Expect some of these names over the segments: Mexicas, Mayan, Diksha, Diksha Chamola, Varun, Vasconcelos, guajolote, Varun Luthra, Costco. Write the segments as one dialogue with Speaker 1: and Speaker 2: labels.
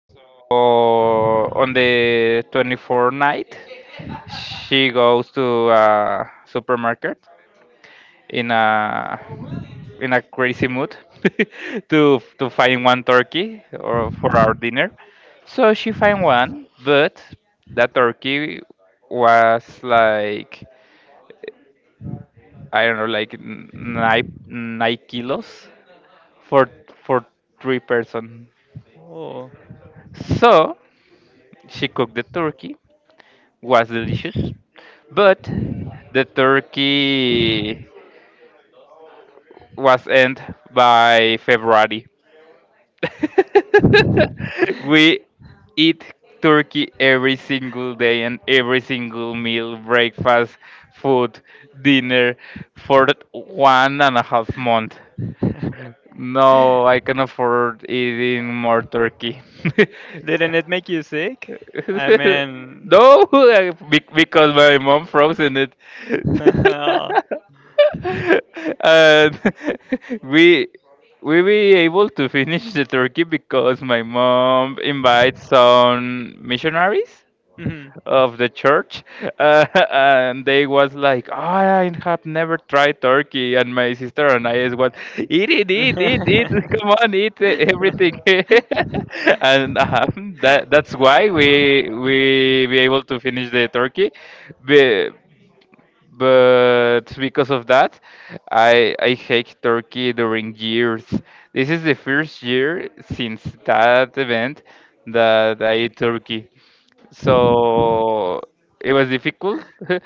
Speaker 1: So on the 24th night, she goes to a supermarket in a in a crazy mood to find one turkey or for our dinner. So she find one, but that turkey was like I don't know, like nine kilos for for three person.
Speaker 2: Oh,
Speaker 1: So she cooked the turkey, was delicious, but the turkey was end by February. We eat turkey every single day and every single meal, breakfast, food, dinner for 1.5 months. No, I can afford eating more turkey.
Speaker 2: didn't it make you sick? I mean,
Speaker 1: No, because my mom frozen it.
Speaker 2: oh.
Speaker 1: And we we be able to finish the turkey because my mom invites some missionaries of the church and they was like I have never tried turkey, and my sister and I is what, eat it, eat, eat, eat, come on, eat, everything. And that's why we be able to finish the turkey. Be- but because of that, I hate turkey during years. This is the first
Speaker 2: Mhm.
Speaker 1: year since that event that I eat turkey. So it was difficult.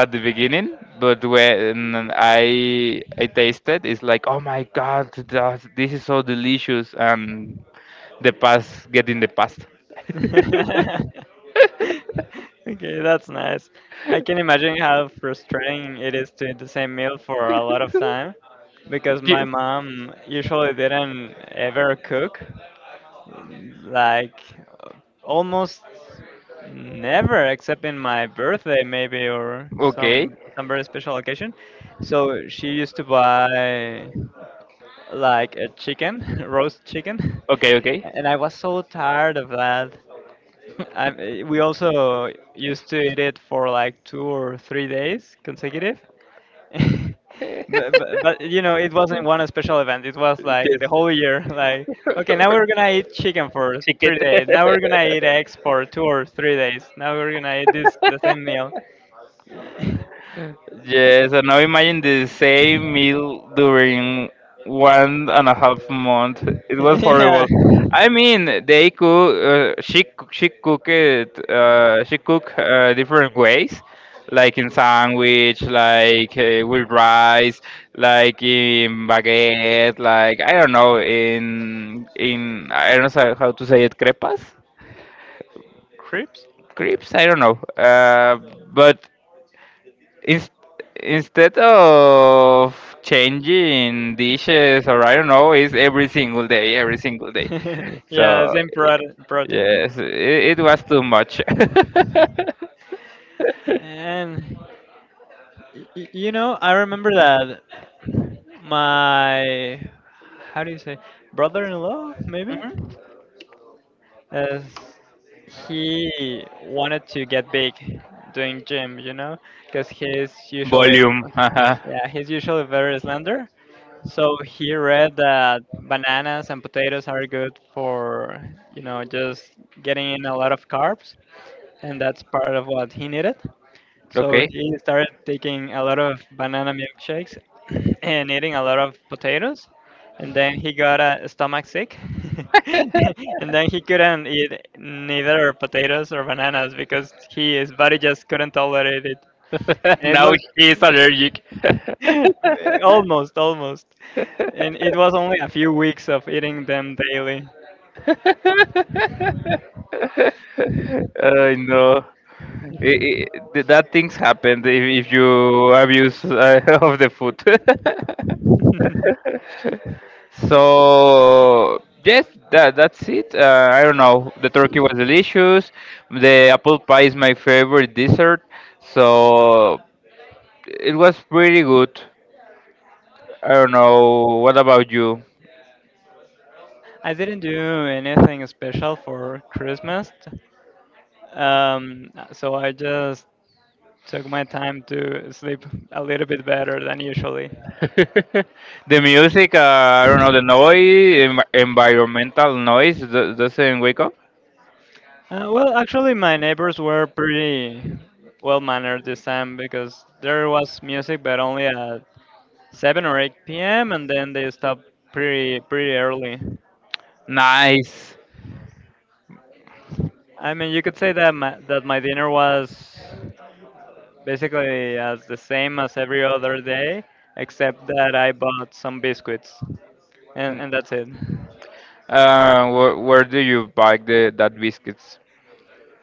Speaker 1: at the beginning, but when I tasted, it's like oh my god, this is so delicious. And the past get in the past.
Speaker 2: Okay, that's nice. I can imagine how frustrating it is to eat the same meal for a lot of time, because my
Speaker 1: Ye-
Speaker 2: mom usually didn't ever cook. Like, uh, almost never, except in my birthday maybe, or
Speaker 1: okay,
Speaker 2: some very special occasion. So she used to buy like a chicken, roast chicken,
Speaker 1: okay, okay.
Speaker 2: and I was so tired of that. I, we also used to eat it for like two or three days consecutive.
Speaker 1: ¿Qué
Speaker 2: But you know, it wasn't one special event, it was like the whole year. Like, okay, now we're gonna eat chicken for three
Speaker 1: Chiquete.
Speaker 2: days now we're gonna eat eggs for 2 or 3 days, now we're gonna eat this the same meal.
Speaker 1: Yes, and now imagine the same meal during 1.5 months. It was
Speaker 2: Yeah.
Speaker 1: horrible. I mean, they cook. She cook it. She cook different ways, like in sandwich, like with rice, like in baguette, like I don't know, in I don't know how to say it, crepas,
Speaker 2: Crips.
Speaker 1: crepes. I don't know. But Ins- Instead of changing dishes or I don't know, it's every single day, every single day.
Speaker 2: Yeah, the
Speaker 1: So
Speaker 2: same protein.
Speaker 1: yes, it was too much.
Speaker 2: And you know, I remember that my, how do you say, brother-in-law maybe,
Speaker 1: Mhm.
Speaker 2: as he wanted to get big doing gym, you know, because he's usually,
Speaker 1: Volume. Haha.
Speaker 2: yeah, he's usually very slender. So he read that bananas and potatoes are good for, just getting in a lot of carbs, and that's part of what he needed. So
Speaker 1: Okay.
Speaker 2: he started taking a lot of banana milkshakes and eating a lot of potatoes. And then he got a stomach sick. And then he couldn't eat neither potatoes or bananas because his body just couldn't tolerate it. And it
Speaker 1: Now
Speaker 2: was
Speaker 1: she is allergic.
Speaker 2: almost, almost. And it was only a few weeks of eating them daily.
Speaker 1: I know. I- I- that things happen if you abuse of the food. So yes, that's it. I don't know. The turkey was delicious. The apple pie is my favorite dessert. So it was pretty good. I don't know. What about you?
Speaker 2: I didn't do anything special for Christmas. So I just took my time to sleep a little bit better than usually.
Speaker 1: The music, I don't know, the noise, environmental noise doesn't wake up.
Speaker 2: Well, actually, my neighbors were pretty well mannered this time, because there was music, but only at 7 or 8 p.m., and then they stopped pretty early.
Speaker 1: Nice.
Speaker 2: I mean, you could say that my dinner was basically as the same as every other day, except that I bought some biscuits, and that's it.
Speaker 1: Where do you buy the that biscuits?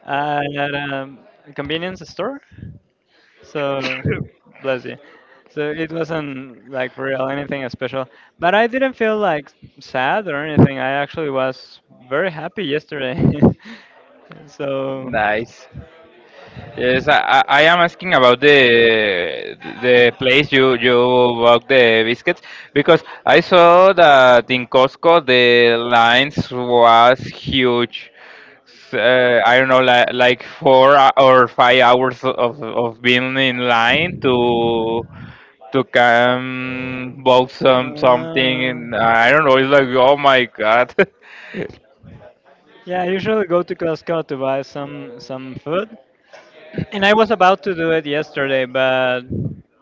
Speaker 2: At a convenience store. So bless you. So it wasn't like for real anything special, but I didn't feel like sad or anything. I actually was very happy yesterday. So,
Speaker 1: Nice. Yes, I am asking about the place you bought the biscuits because I saw that in Costco the lines was huge. I don't know, like four hou- or 5 hours of being in line to come bought some something,
Speaker 2: uh,
Speaker 1: and I don't know. It's like oh my god.
Speaker 2: yeah, I usually go to Costco to buy some food, and I was about to do it yesterday, but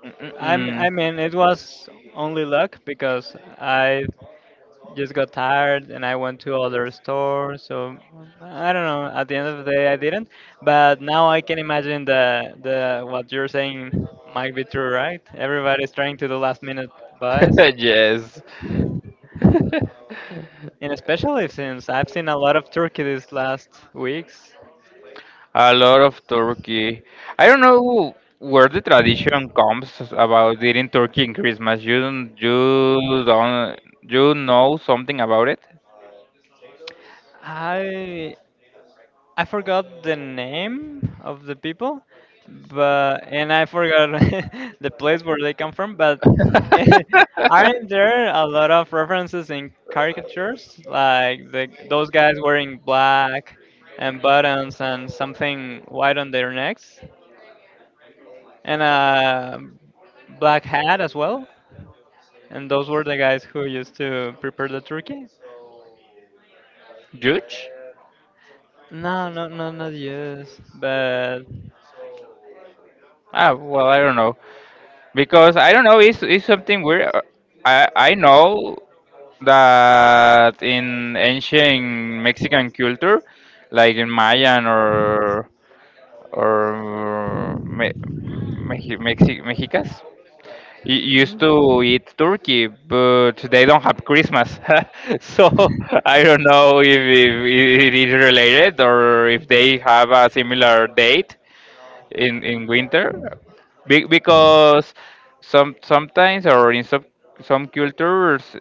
Speaker 1: Mm,
Speaker 2: I'm,
Speaker 1: mm.
Speaker 2: I mean, it was only luck because I just got tired and I went to other stores. So I don't know. At the end of the day, I didn't. But now I can imagine the what you're saying might be true, right? Everybody's trying to do last minute buys,
Speaker 1: Yes.
Speaker 2: and especially since I've seen a lot of turkey these last weeks.
Speaker 1: A lot of turkey. I don't know where the tradition comes about eating turkey in Christmas. You don't, you don't, you know something about it?
Speaker 2: I I forgot the name of the people, but and I forgot the place where they come from. But aren't there a lot of references in caricatures? Like those guys wearing black and buttons and something white on their necks, and a black hat as well. And those were the guys who used to prepare the turkey.
Speaker 1: Judge?
Speaker 2: No, no, no, not yes, but
Speaker 1: Ah, well, I don't know because I don't know. It's something weird. I I know that in ancient Mexican culture, like in Mayan or or uh, Me- Mexicas, y- used to eat turkey, but they don't have Christmas. So I don't know if it is related or if they have a similar date in winter. Because sometimes or in some cultures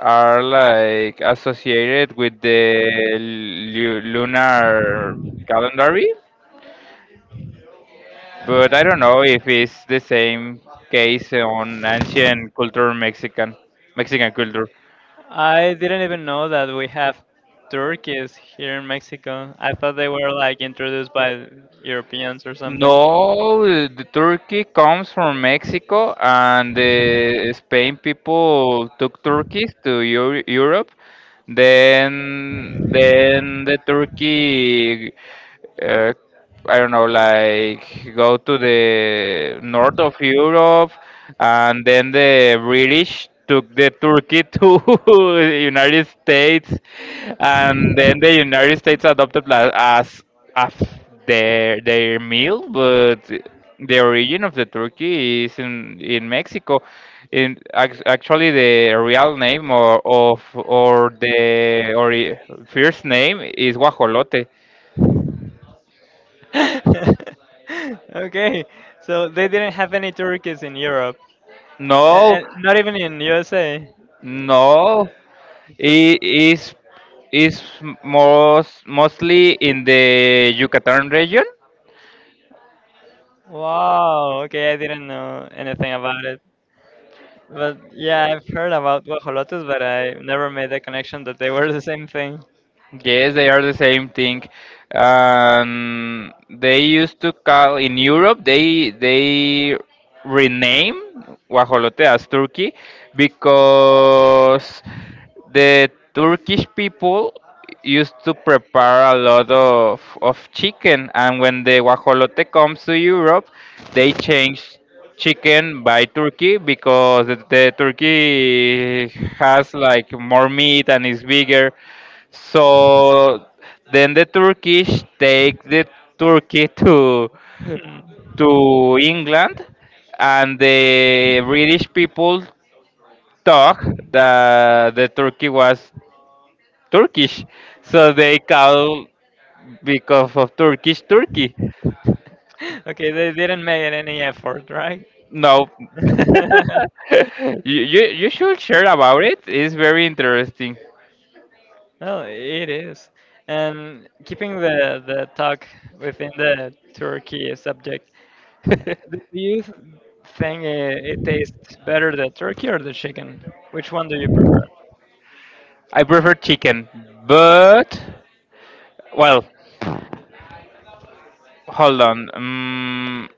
Speaker 1: are like associated with the lunar calendar, but I don't know if it's the same case on ancient culture Mexican culture.
Speaker 2: I didn't even know that we have turkeys here in Mexico. I thought they were like introduced by Europeans or something.
Speaker 1: No, the Turkey comes from Mexico, and the Spain people took Turkeys to Europe. Then the Turkey uh, I don't know, like go to the north of Europe, and then the British took the Turkey to United States, and then the United States adopted as their meal, but the origin of the turkey is in Mexico. Actually, the real name or of or the or first name is guajolote.
Speaker 2: Okay, so they didn't have any turkeys in Europe, A-
Speaker 1: No,
Speaker 2: and not even in USA.
Speaker 1: no.
Speaker 2: So-
Speaker 1: It is is mostly in the Yucatan region.
Speaker 2: wow. Okay, I didn't know anything about it. But yeah, I've heard about guajolotes, but I never made the connection that they were the same thing.
Speaker 1: Yes, they are the same thing. They used to call in Europe. They rename guajolote as turkey because the Turkish people used to prepare a lot of chicken, and when the guajolote comes to Europe, they change chicken by turkey because the turkey has like more meat and is bigger. So then the Turkish take the Turkey to
Speaker 2: Hmm.
Speaker 1: to England, and the British people thought that the Turkey was Turkish, so they call because of Turkish Turkey.
Speaker 2: Okay, they didn't make any effort, right?
Speaker 1: No, you should share about it. It's very interesting.
Speaker 2: No, it is. And keeping the talk within the Turkey subject, do you think it tastes better the turkey or the chicken? Which one do you prefer?
Speaker 1: I prefer chicken, but well, hold on.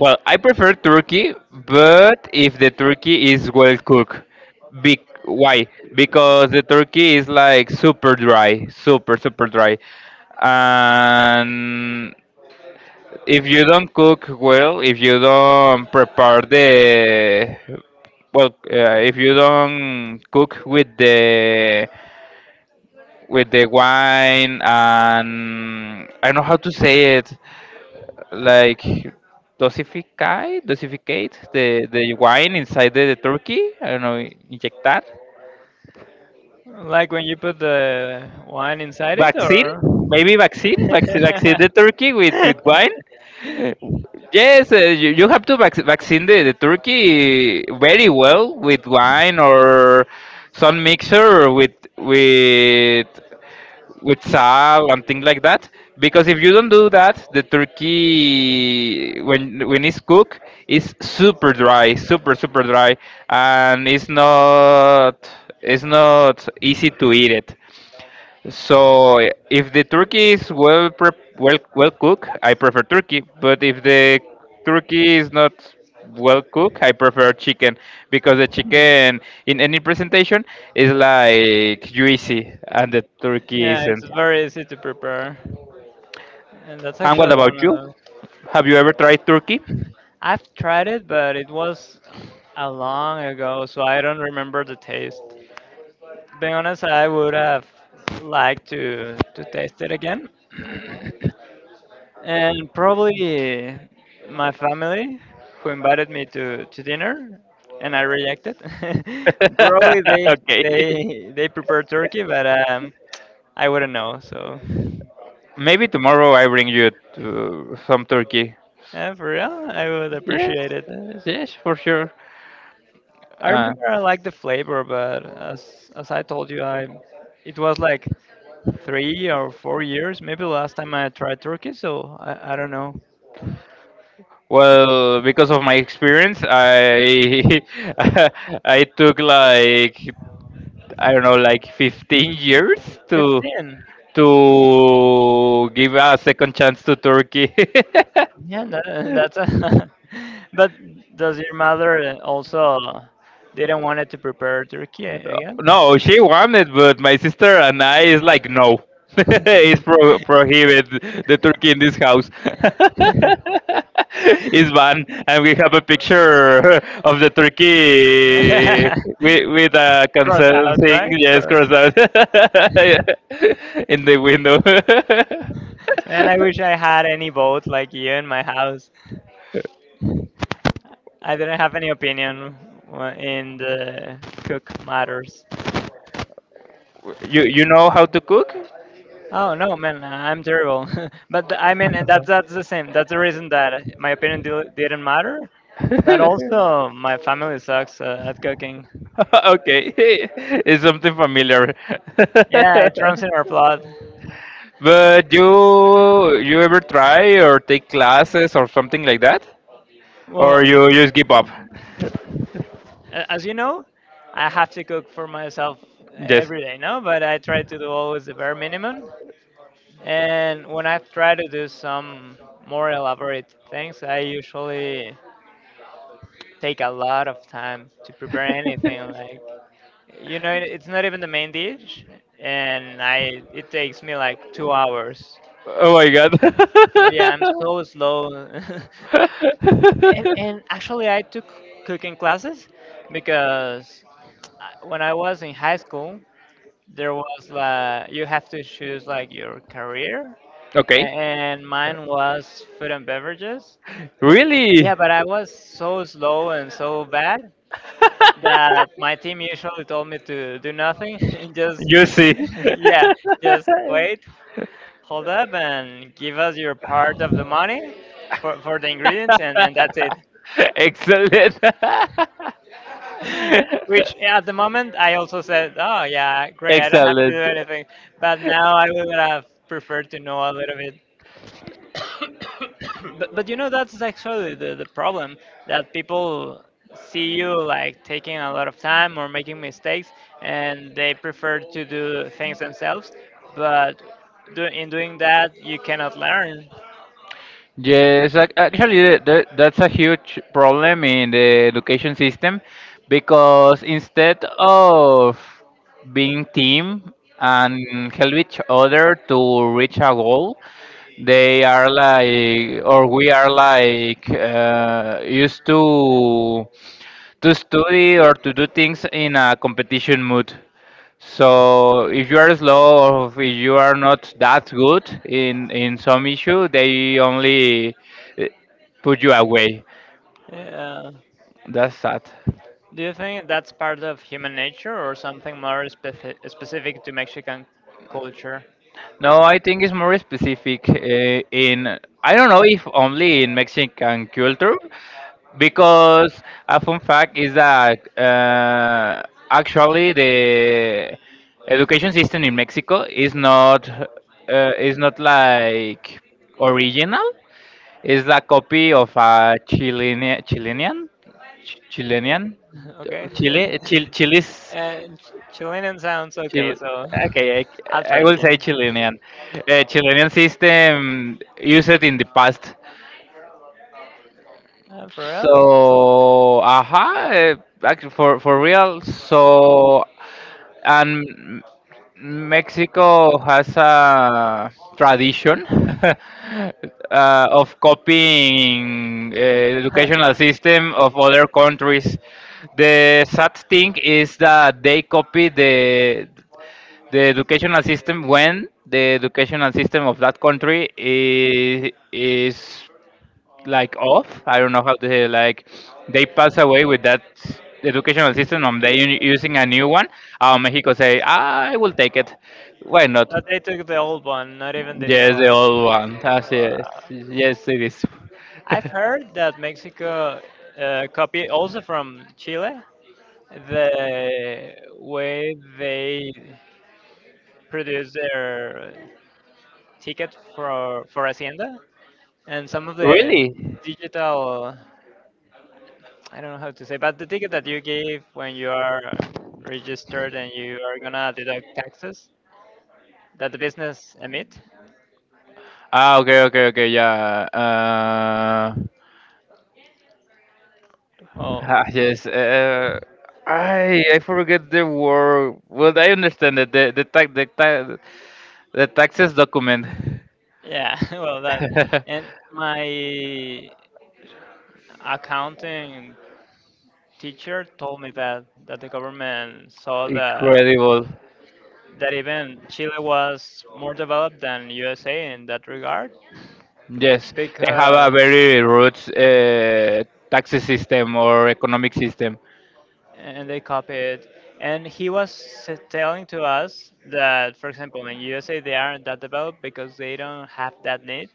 Speaker 1: Well, I prefer turkey, but if the turkey is well cooked, big why? Because the turkey is like super dry, super dry, and if you don't cook well, if you don't prepare the well, if you don't cook with the wine, and I don't know how to say it, like dosify, dosificate the wine inside the turkey. I don't know, inject that
Speaker 2: Like when you put the wine inside it,
Speaker 1: vaccine,
Speaker 2: or?
Speaker 1: maybe vaccine, vaccine the turkey with wine. Yes, you have to vaccine the turkey very well with wine or some mixture with with with sal and things like that. Because if you don't do that, the turkey when it's cooked is super dry, super dry, and it's not easy to eat it. So if the turkey is well prep well well cooked, I prefer turkey. But if the turkey is not well cooked, I prefer chicken because the
Speaker 2: Mm,
Speaker 1: chicken in any presentation is like juicy and the turkey
Speaker 2: yeah, it's
Speaker 1: isn't.
Speaker 2: very easy to prepare. And that's
Speaker 1: And what
Speaker 2: actually one
Speaker 1: about you?
Speaker 2: of.
Speaker 1: Have you ever tried turkey?
Speaker 2: I've tried it, but it was a long ago, so I don't remember the taste. Being honest, I would have liked to taste it again. And probably my family, who invited me to dinner and I rejected. Probably they
Speaker 1: Okay.
Speaker 2: they they prefer turkey, but I wouldn't know. So
Speaker 1: Maybe tomorrow I bring you to some turkey.
Speaker 2: yeah, for real, I would
Speaker 1: Yes,
Speaker 2: appreciate it.
Speaker 1: yes, for sure.
Speaker 2: I remember
Speaker 1: Uh,
Speaker 2: I liked the flavor, but as I told you, I it was like 3 or 4 years, maybe last time I tried turkey. So I don't know.
Speaker 1: well, because of my experience, I I took like I don't know, like 15 years to
Speaker 2: 15.
Speaker 1: give a second chance to Turkey.
Speaker 2: Yeah, that's a. But does your mother also didn't want it to prepare turkey again?
Speaker 1: No, she wanted, but my sister and I is like, no, it's prohibited the turkey in this house. It's banned, and we have a picture of the turkey with a
Speaker 2: Cross
Speaker 1: cancel
Speaker 2: out,
Speaker 1: thing,
Speaker 2: right?
Speaker 1: yes, cross
Speaker 2: Cross.
Speaker 1: out in the window.
Speaker 2: Man, I wish I had any vote like you in my house. I didn't have any opinion in the cook matters.
Speaker 1: You know how to cook?
Speaker 2: Oh no, man, I'm terrible. But I mean, and that's the same. That's the reason that my opinion didn't matter. But also, my family sucks at cooking.
Speaker 1: Okay. It's something familiar.
Speaker 2: Yeah, it runs in our blood.
Speaker 1: But you ever try or take classes or something like that,
Speaker 2: Well,
Speaker 1: or you just give up?
Speaker 2: as you know, I have to cook for myself
Speaker 1: Yes.
Speaker 2: every day, now, but I try to do always the bare minimum. And when I try to do some more elaborate things, I usually take a lot of time to prepare anything. Like, it's not even the main dish, and I it takes me like 2 hours.
Speaker 1: Oh my god.
Speaker 2: So
Speaker 1: Yeah.
Speaker 2: yeah, I'm so slow. And actually, I took cooking classes because when I was in high school, there was like you have to choose like your career, a-
Speaker 1: Okay.
Speaker 2: and mine was food and beverages.
Speaker 1: Really?
Speaker 2: Yeah, but I was so slow and so bad that my team usually told me to do nothing, just
Speaker 1: You see.
Speaker 2: yeah, just wait, hold up, and give us your part of the money for the ingredients, and that's it.
Speaker 1: Excellent.
Speaker 2: Which, yeah, at the moment I also said, oh yeah, great, I don't have to do
Speaker 1: Excellent.
Speaker 2: anything. But now I would have preferred to know a little bit. But you know, that's actually the problem, that people see you like taking a lot of time or making mistakes, and they prefer to do things themselves. But in doing that, you cannot learn.
Speaker 1: Yes, actually, that's a huge problem in the education system because instead of being team and help each other to reach a goal, they are like, or we are like, used to study or to do things in a competition mood. So if you are slow or if you are not that good in some issue, they only eh, put you away.
Speaker 2: Yeah.
Speaker 1: That's sad.
Speaker 2: Do you think that's part of human nature, or something more specific to Mexican culture?
Speaker 1: No, I think it's more specific in I don't know if only in Mexican culture, because a fun fact is that actually the education system in Mexico is not like original. It's the copy of a Chilean, Chilean,
Speaker 2: Okay.
Speaker 1: Chile's
Speaker 2: And Chilean sounds
Speaker 1: Chil-
Speaker 2: okay, so
Speaker 1: okay,
Speaker 2: I'll
Speaker 1: I
Speaker 2: trust
Speaker 1: will
Speaker 2: you.
Speaker 1: say Chilean. Chilean system used in the past.
Speaker 2: For real?
Speaker 1: So, aha, actually for real. So, and M- Mexico has a tradition of copying educational system of other countries. The sad thing is that they copy the educational system when the educational system of that country is like off. I don't know how to say it. Like they pass away with that educational system and they using a new one. Mexico say, I will take it. Why not?
Speaker 2: But they took the old one, not even the new
Speaker 1: Yes, the
Speaker 2: one.
Speaker 1: old one. Así
Speaker 2: Wow.
Speaker 1: es. Yes, it is.
Speaker 2: I've heard that Mexico copy also from Chile the way they produce their ticket for Hacienda, and some of the
Speaker 1: Really?
Speaker 2: digital, I don't know how to say, but the ticket that you give when you are registered and you are gonna deduct taxes that the business emit.
Speaker 1: Ah, okay, okay, okay, yeah.
Speaker 2: Well,
Speaker 1: Ah, yes. I forget the word. Well, I understand that the taxes document.
Speaker 2: yeah, well that. And my accounting teacher told me that the government saw that
Speaker 1: Incredible.
Speaker 2: that even Chile was more developed than USA in that regard,
Speaker 1: Yes, they have a
Speaker 2: because
Speaker 1: very roots tax system or economic system.
Speaker 2: and they copy it. And he was telling to us that, for example, in USA they aren't that developed because they don't have that need,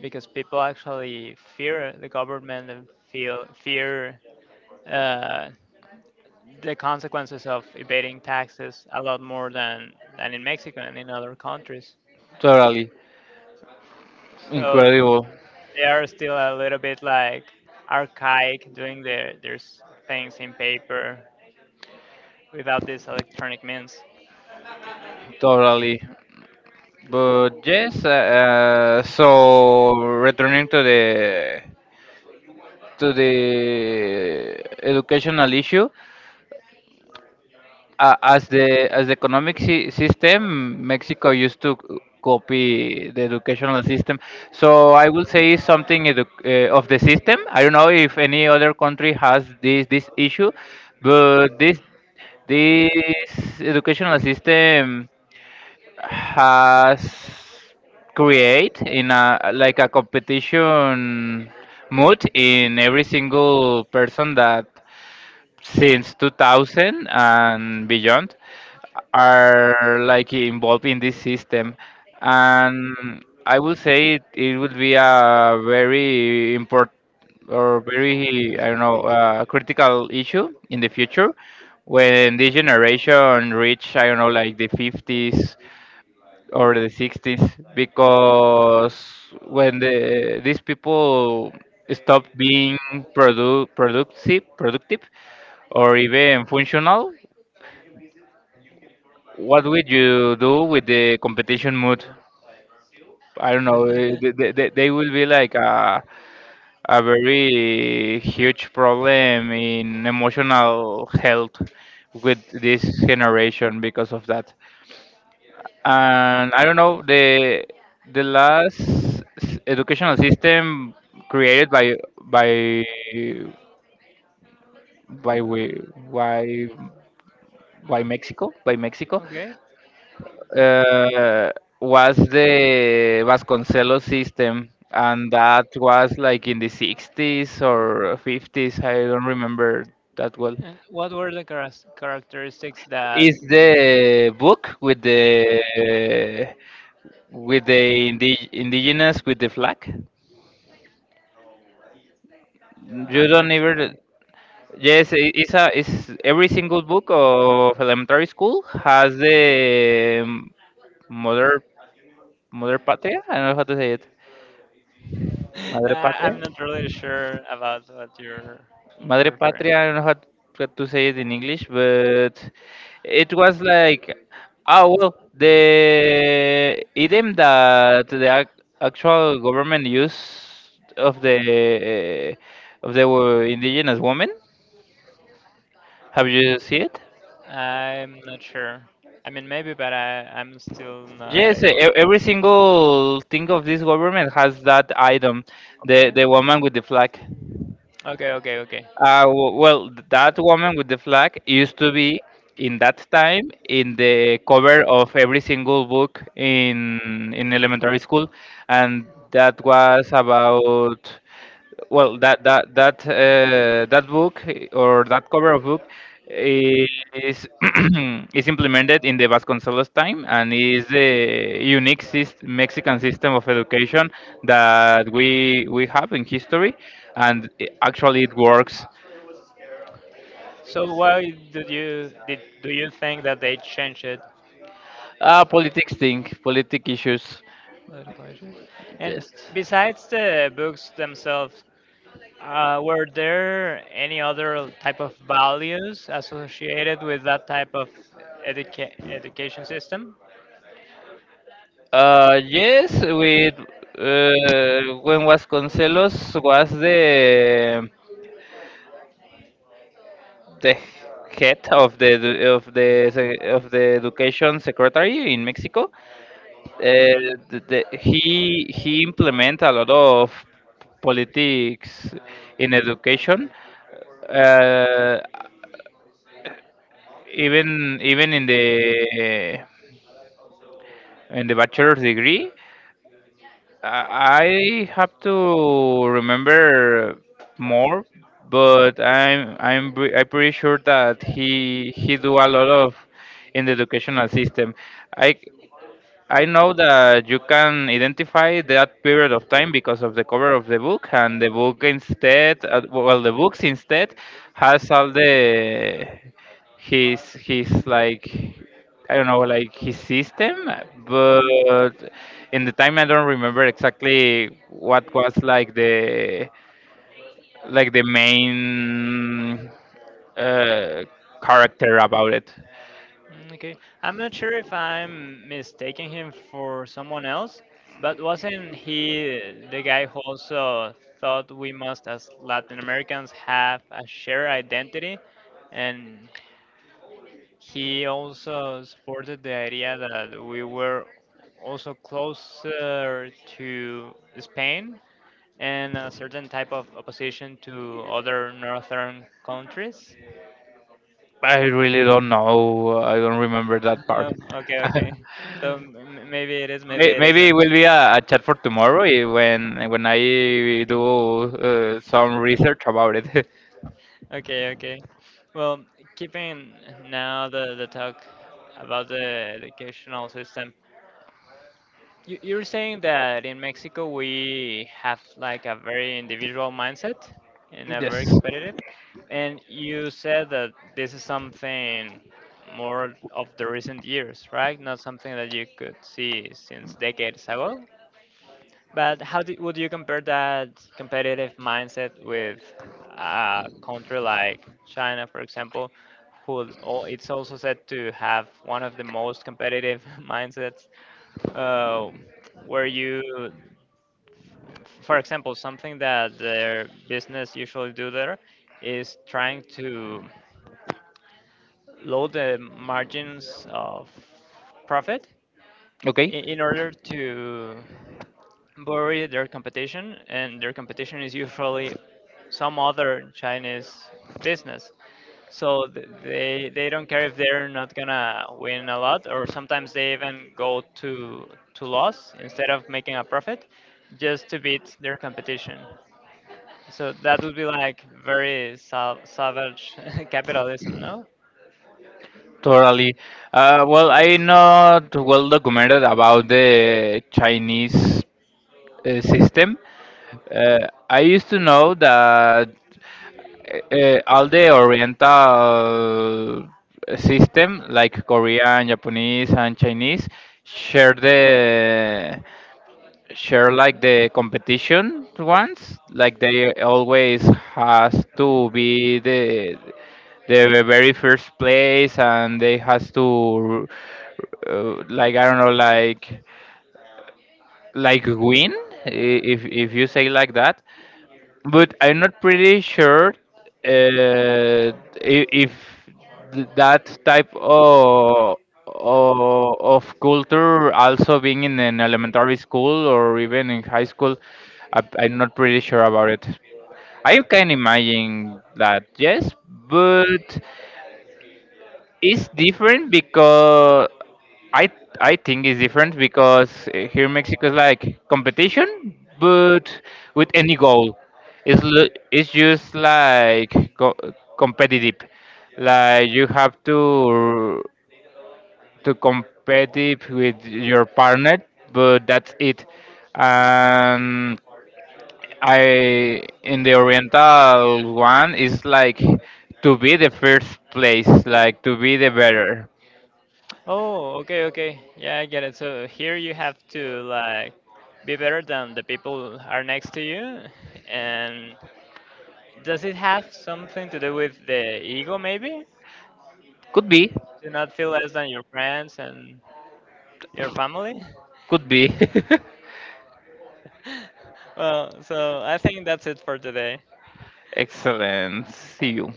Speaker 2: because people actually fear the government and feel fear uh, the consequences of evading taxes a lot more than in Mexico and in other countries.
Speaker 1: Totally
Speaker 2: So
Speaker 1: incredible.
Speaker 2: they are still a little bit like archaic, doing their things in paper without these electronic means.
Speaker 1: Totally. But yes, so returning to the educational issue, as the economic system, Mexico used to copy the educational system. So I will say something of the system. I don't know if any other country has this issue, but this educational system has create in a like a competition mood in every single person that since 2000 and beyond are like involved in this system. And I would say it would be a very important or very I don't know critical issue in the future when this generation reach I don't know like the 50s or the 60s, because when these people stop being productive or even functional, what would you do with the competition mood? I don't know, they will be like a very huge problem in emotional health with this generation because of that. And I don't know, the last educational system created by we- by by Mexico by Mexico
Speaker 2: Okay.
Speaker 1: uh, was the Vasconcelos system, and that was like in the 60s or 50s. I don't remember that well.
Speaker 2: And what were the characteristics that.
Speaker 1: Is the book with the indigenous with the flag? You
Speaker 2: I'm not
Speaker 1: don't ever. Yes, it's a, it's every single book of elementary school has the mother mother patria. I don't know how to say it.
Speaker 2: uh,
Speaker 1: Madre patria.
Speaker 2: I'm not really sure about what you're
Speaker 1: Madre
Speaker 2: referring.
Speaker 1: Patria, I don't know what to say it in English, but it was like, oh well, the idiom that the actual government used of the of the indigenous woman. Have you seen it?
Speaker 2: I'm not sure. I mean, maybe, but I'm still not
Speaker 1: Yes,
Speaker 2: able.
Speaker 1: every single thing of this government has that item, the
Speaker 2: Okay.
Speaker 1: the woman with the flag.
Speaker 2: Okay. Okay. Okay.
Speaker 1: Well, that woman with the flag used to be in that time in the cover of every single book in elementary school, and that was about, well, that book, or that cover of book is is implemented in the Vasconcelos time, and is the unique Mexican system of education that we have in history, and actually it works.
Speaker 2: So why did you did do you think that they changed it.
Speaker 1: Politics thing, politic issues.
Speaker 2: Political issues. And
Speaker 1: Yes.
Speaker 2: besides the books themselves, were there any other type of values associated with that type of education system?
Speaker 1: Yes, with when Vasconcelos was the head of the education secretary in Mexico, he implement a lot of politics in education, uh, even in the bachelor's degree. I have to remember more, but I'm pretty sure that he do a lot of in the educational system. I I know that you can identify that period of time because of the cover of the book, and the book instead, well, the books instead has all the his like, I don't know, like his system, but in the time I don't remember exactly what was like the main uh, character about it.
Speaker 2: Mm, okay, I'm not sure if I'm mistaking him for someone else, but wasn't he the guy who also thought we must, as Latin Americans, have a shared identity? And he also supported the idea that we were also closer to Spain, and a certain type of opposition to other northern countries.
Speaker 1: I really don't know. I don't remember that
Speaker 2: Oh,
Speaker 1: part.
Speaker 2: okay, okay. So maybe it is, maybe it
Speaker 1: Maybe it
Speaker 2: isn't.
Speaker 1: will be a chat for tomorrow, when I do some research about it.
Speaker 2: Okay, okay. Well, keeping now the talk about the educational system, you're saying that in Mexico we have like a very individual mindset and a
Speaker 1: Yes.
Speaker 2: very competitive, and you said that this is something more of the recent years, right? Not something that you could see since decades ago. But how would you compare that competitive mindset with a country like China, for example, who it's also said to have one of the most competitive mindsets, uh, where you, for example, something that their business usually do there is trying to load the margins of profit
Speaker 1: Okay.
Speaker 2: in order to bury their competition, and their competition is usually some other Chinese business. So they don't care if they're not gonna win a lot, or sometimes they even go to loss instead of making a profit, just to beat their competition. So that would be like very savage capitalism, no?
Speaker 1: Totally. Well, I not well documented about the Chinese system. I used to know that all the Oriental system, like Korean, Japanese, and Chinese, share the share like the competition ones, like they always has to be the very first place, and they has to like I don't know, like win, if you say like that, but I'm not pretty sure uh, if that type of of culture also being in an elementary school or even in high school. I'm not pretty sure about it. I can imagine that, yes, but it's different because I I think it's different because here in Mexico is like competition, but with any goal, it's l- it's just like co- competitive. Like you have to competitive with your partner, but that's it. And I in the Oriental one is like to be the first place, like to be the better.
Speaker 2: Oh, okay, okay. Yeah, I get it. So here you have to like be better than the people are next to you. And does it have something to do with the ego maybe?
Speaker 1: Could be,
Speaker 2: To not feel less than your friends and your family?
Speaker 1: could be.
Speaker 2: Well, so I think that's it for today.
Speaker 1: Excellent. See you.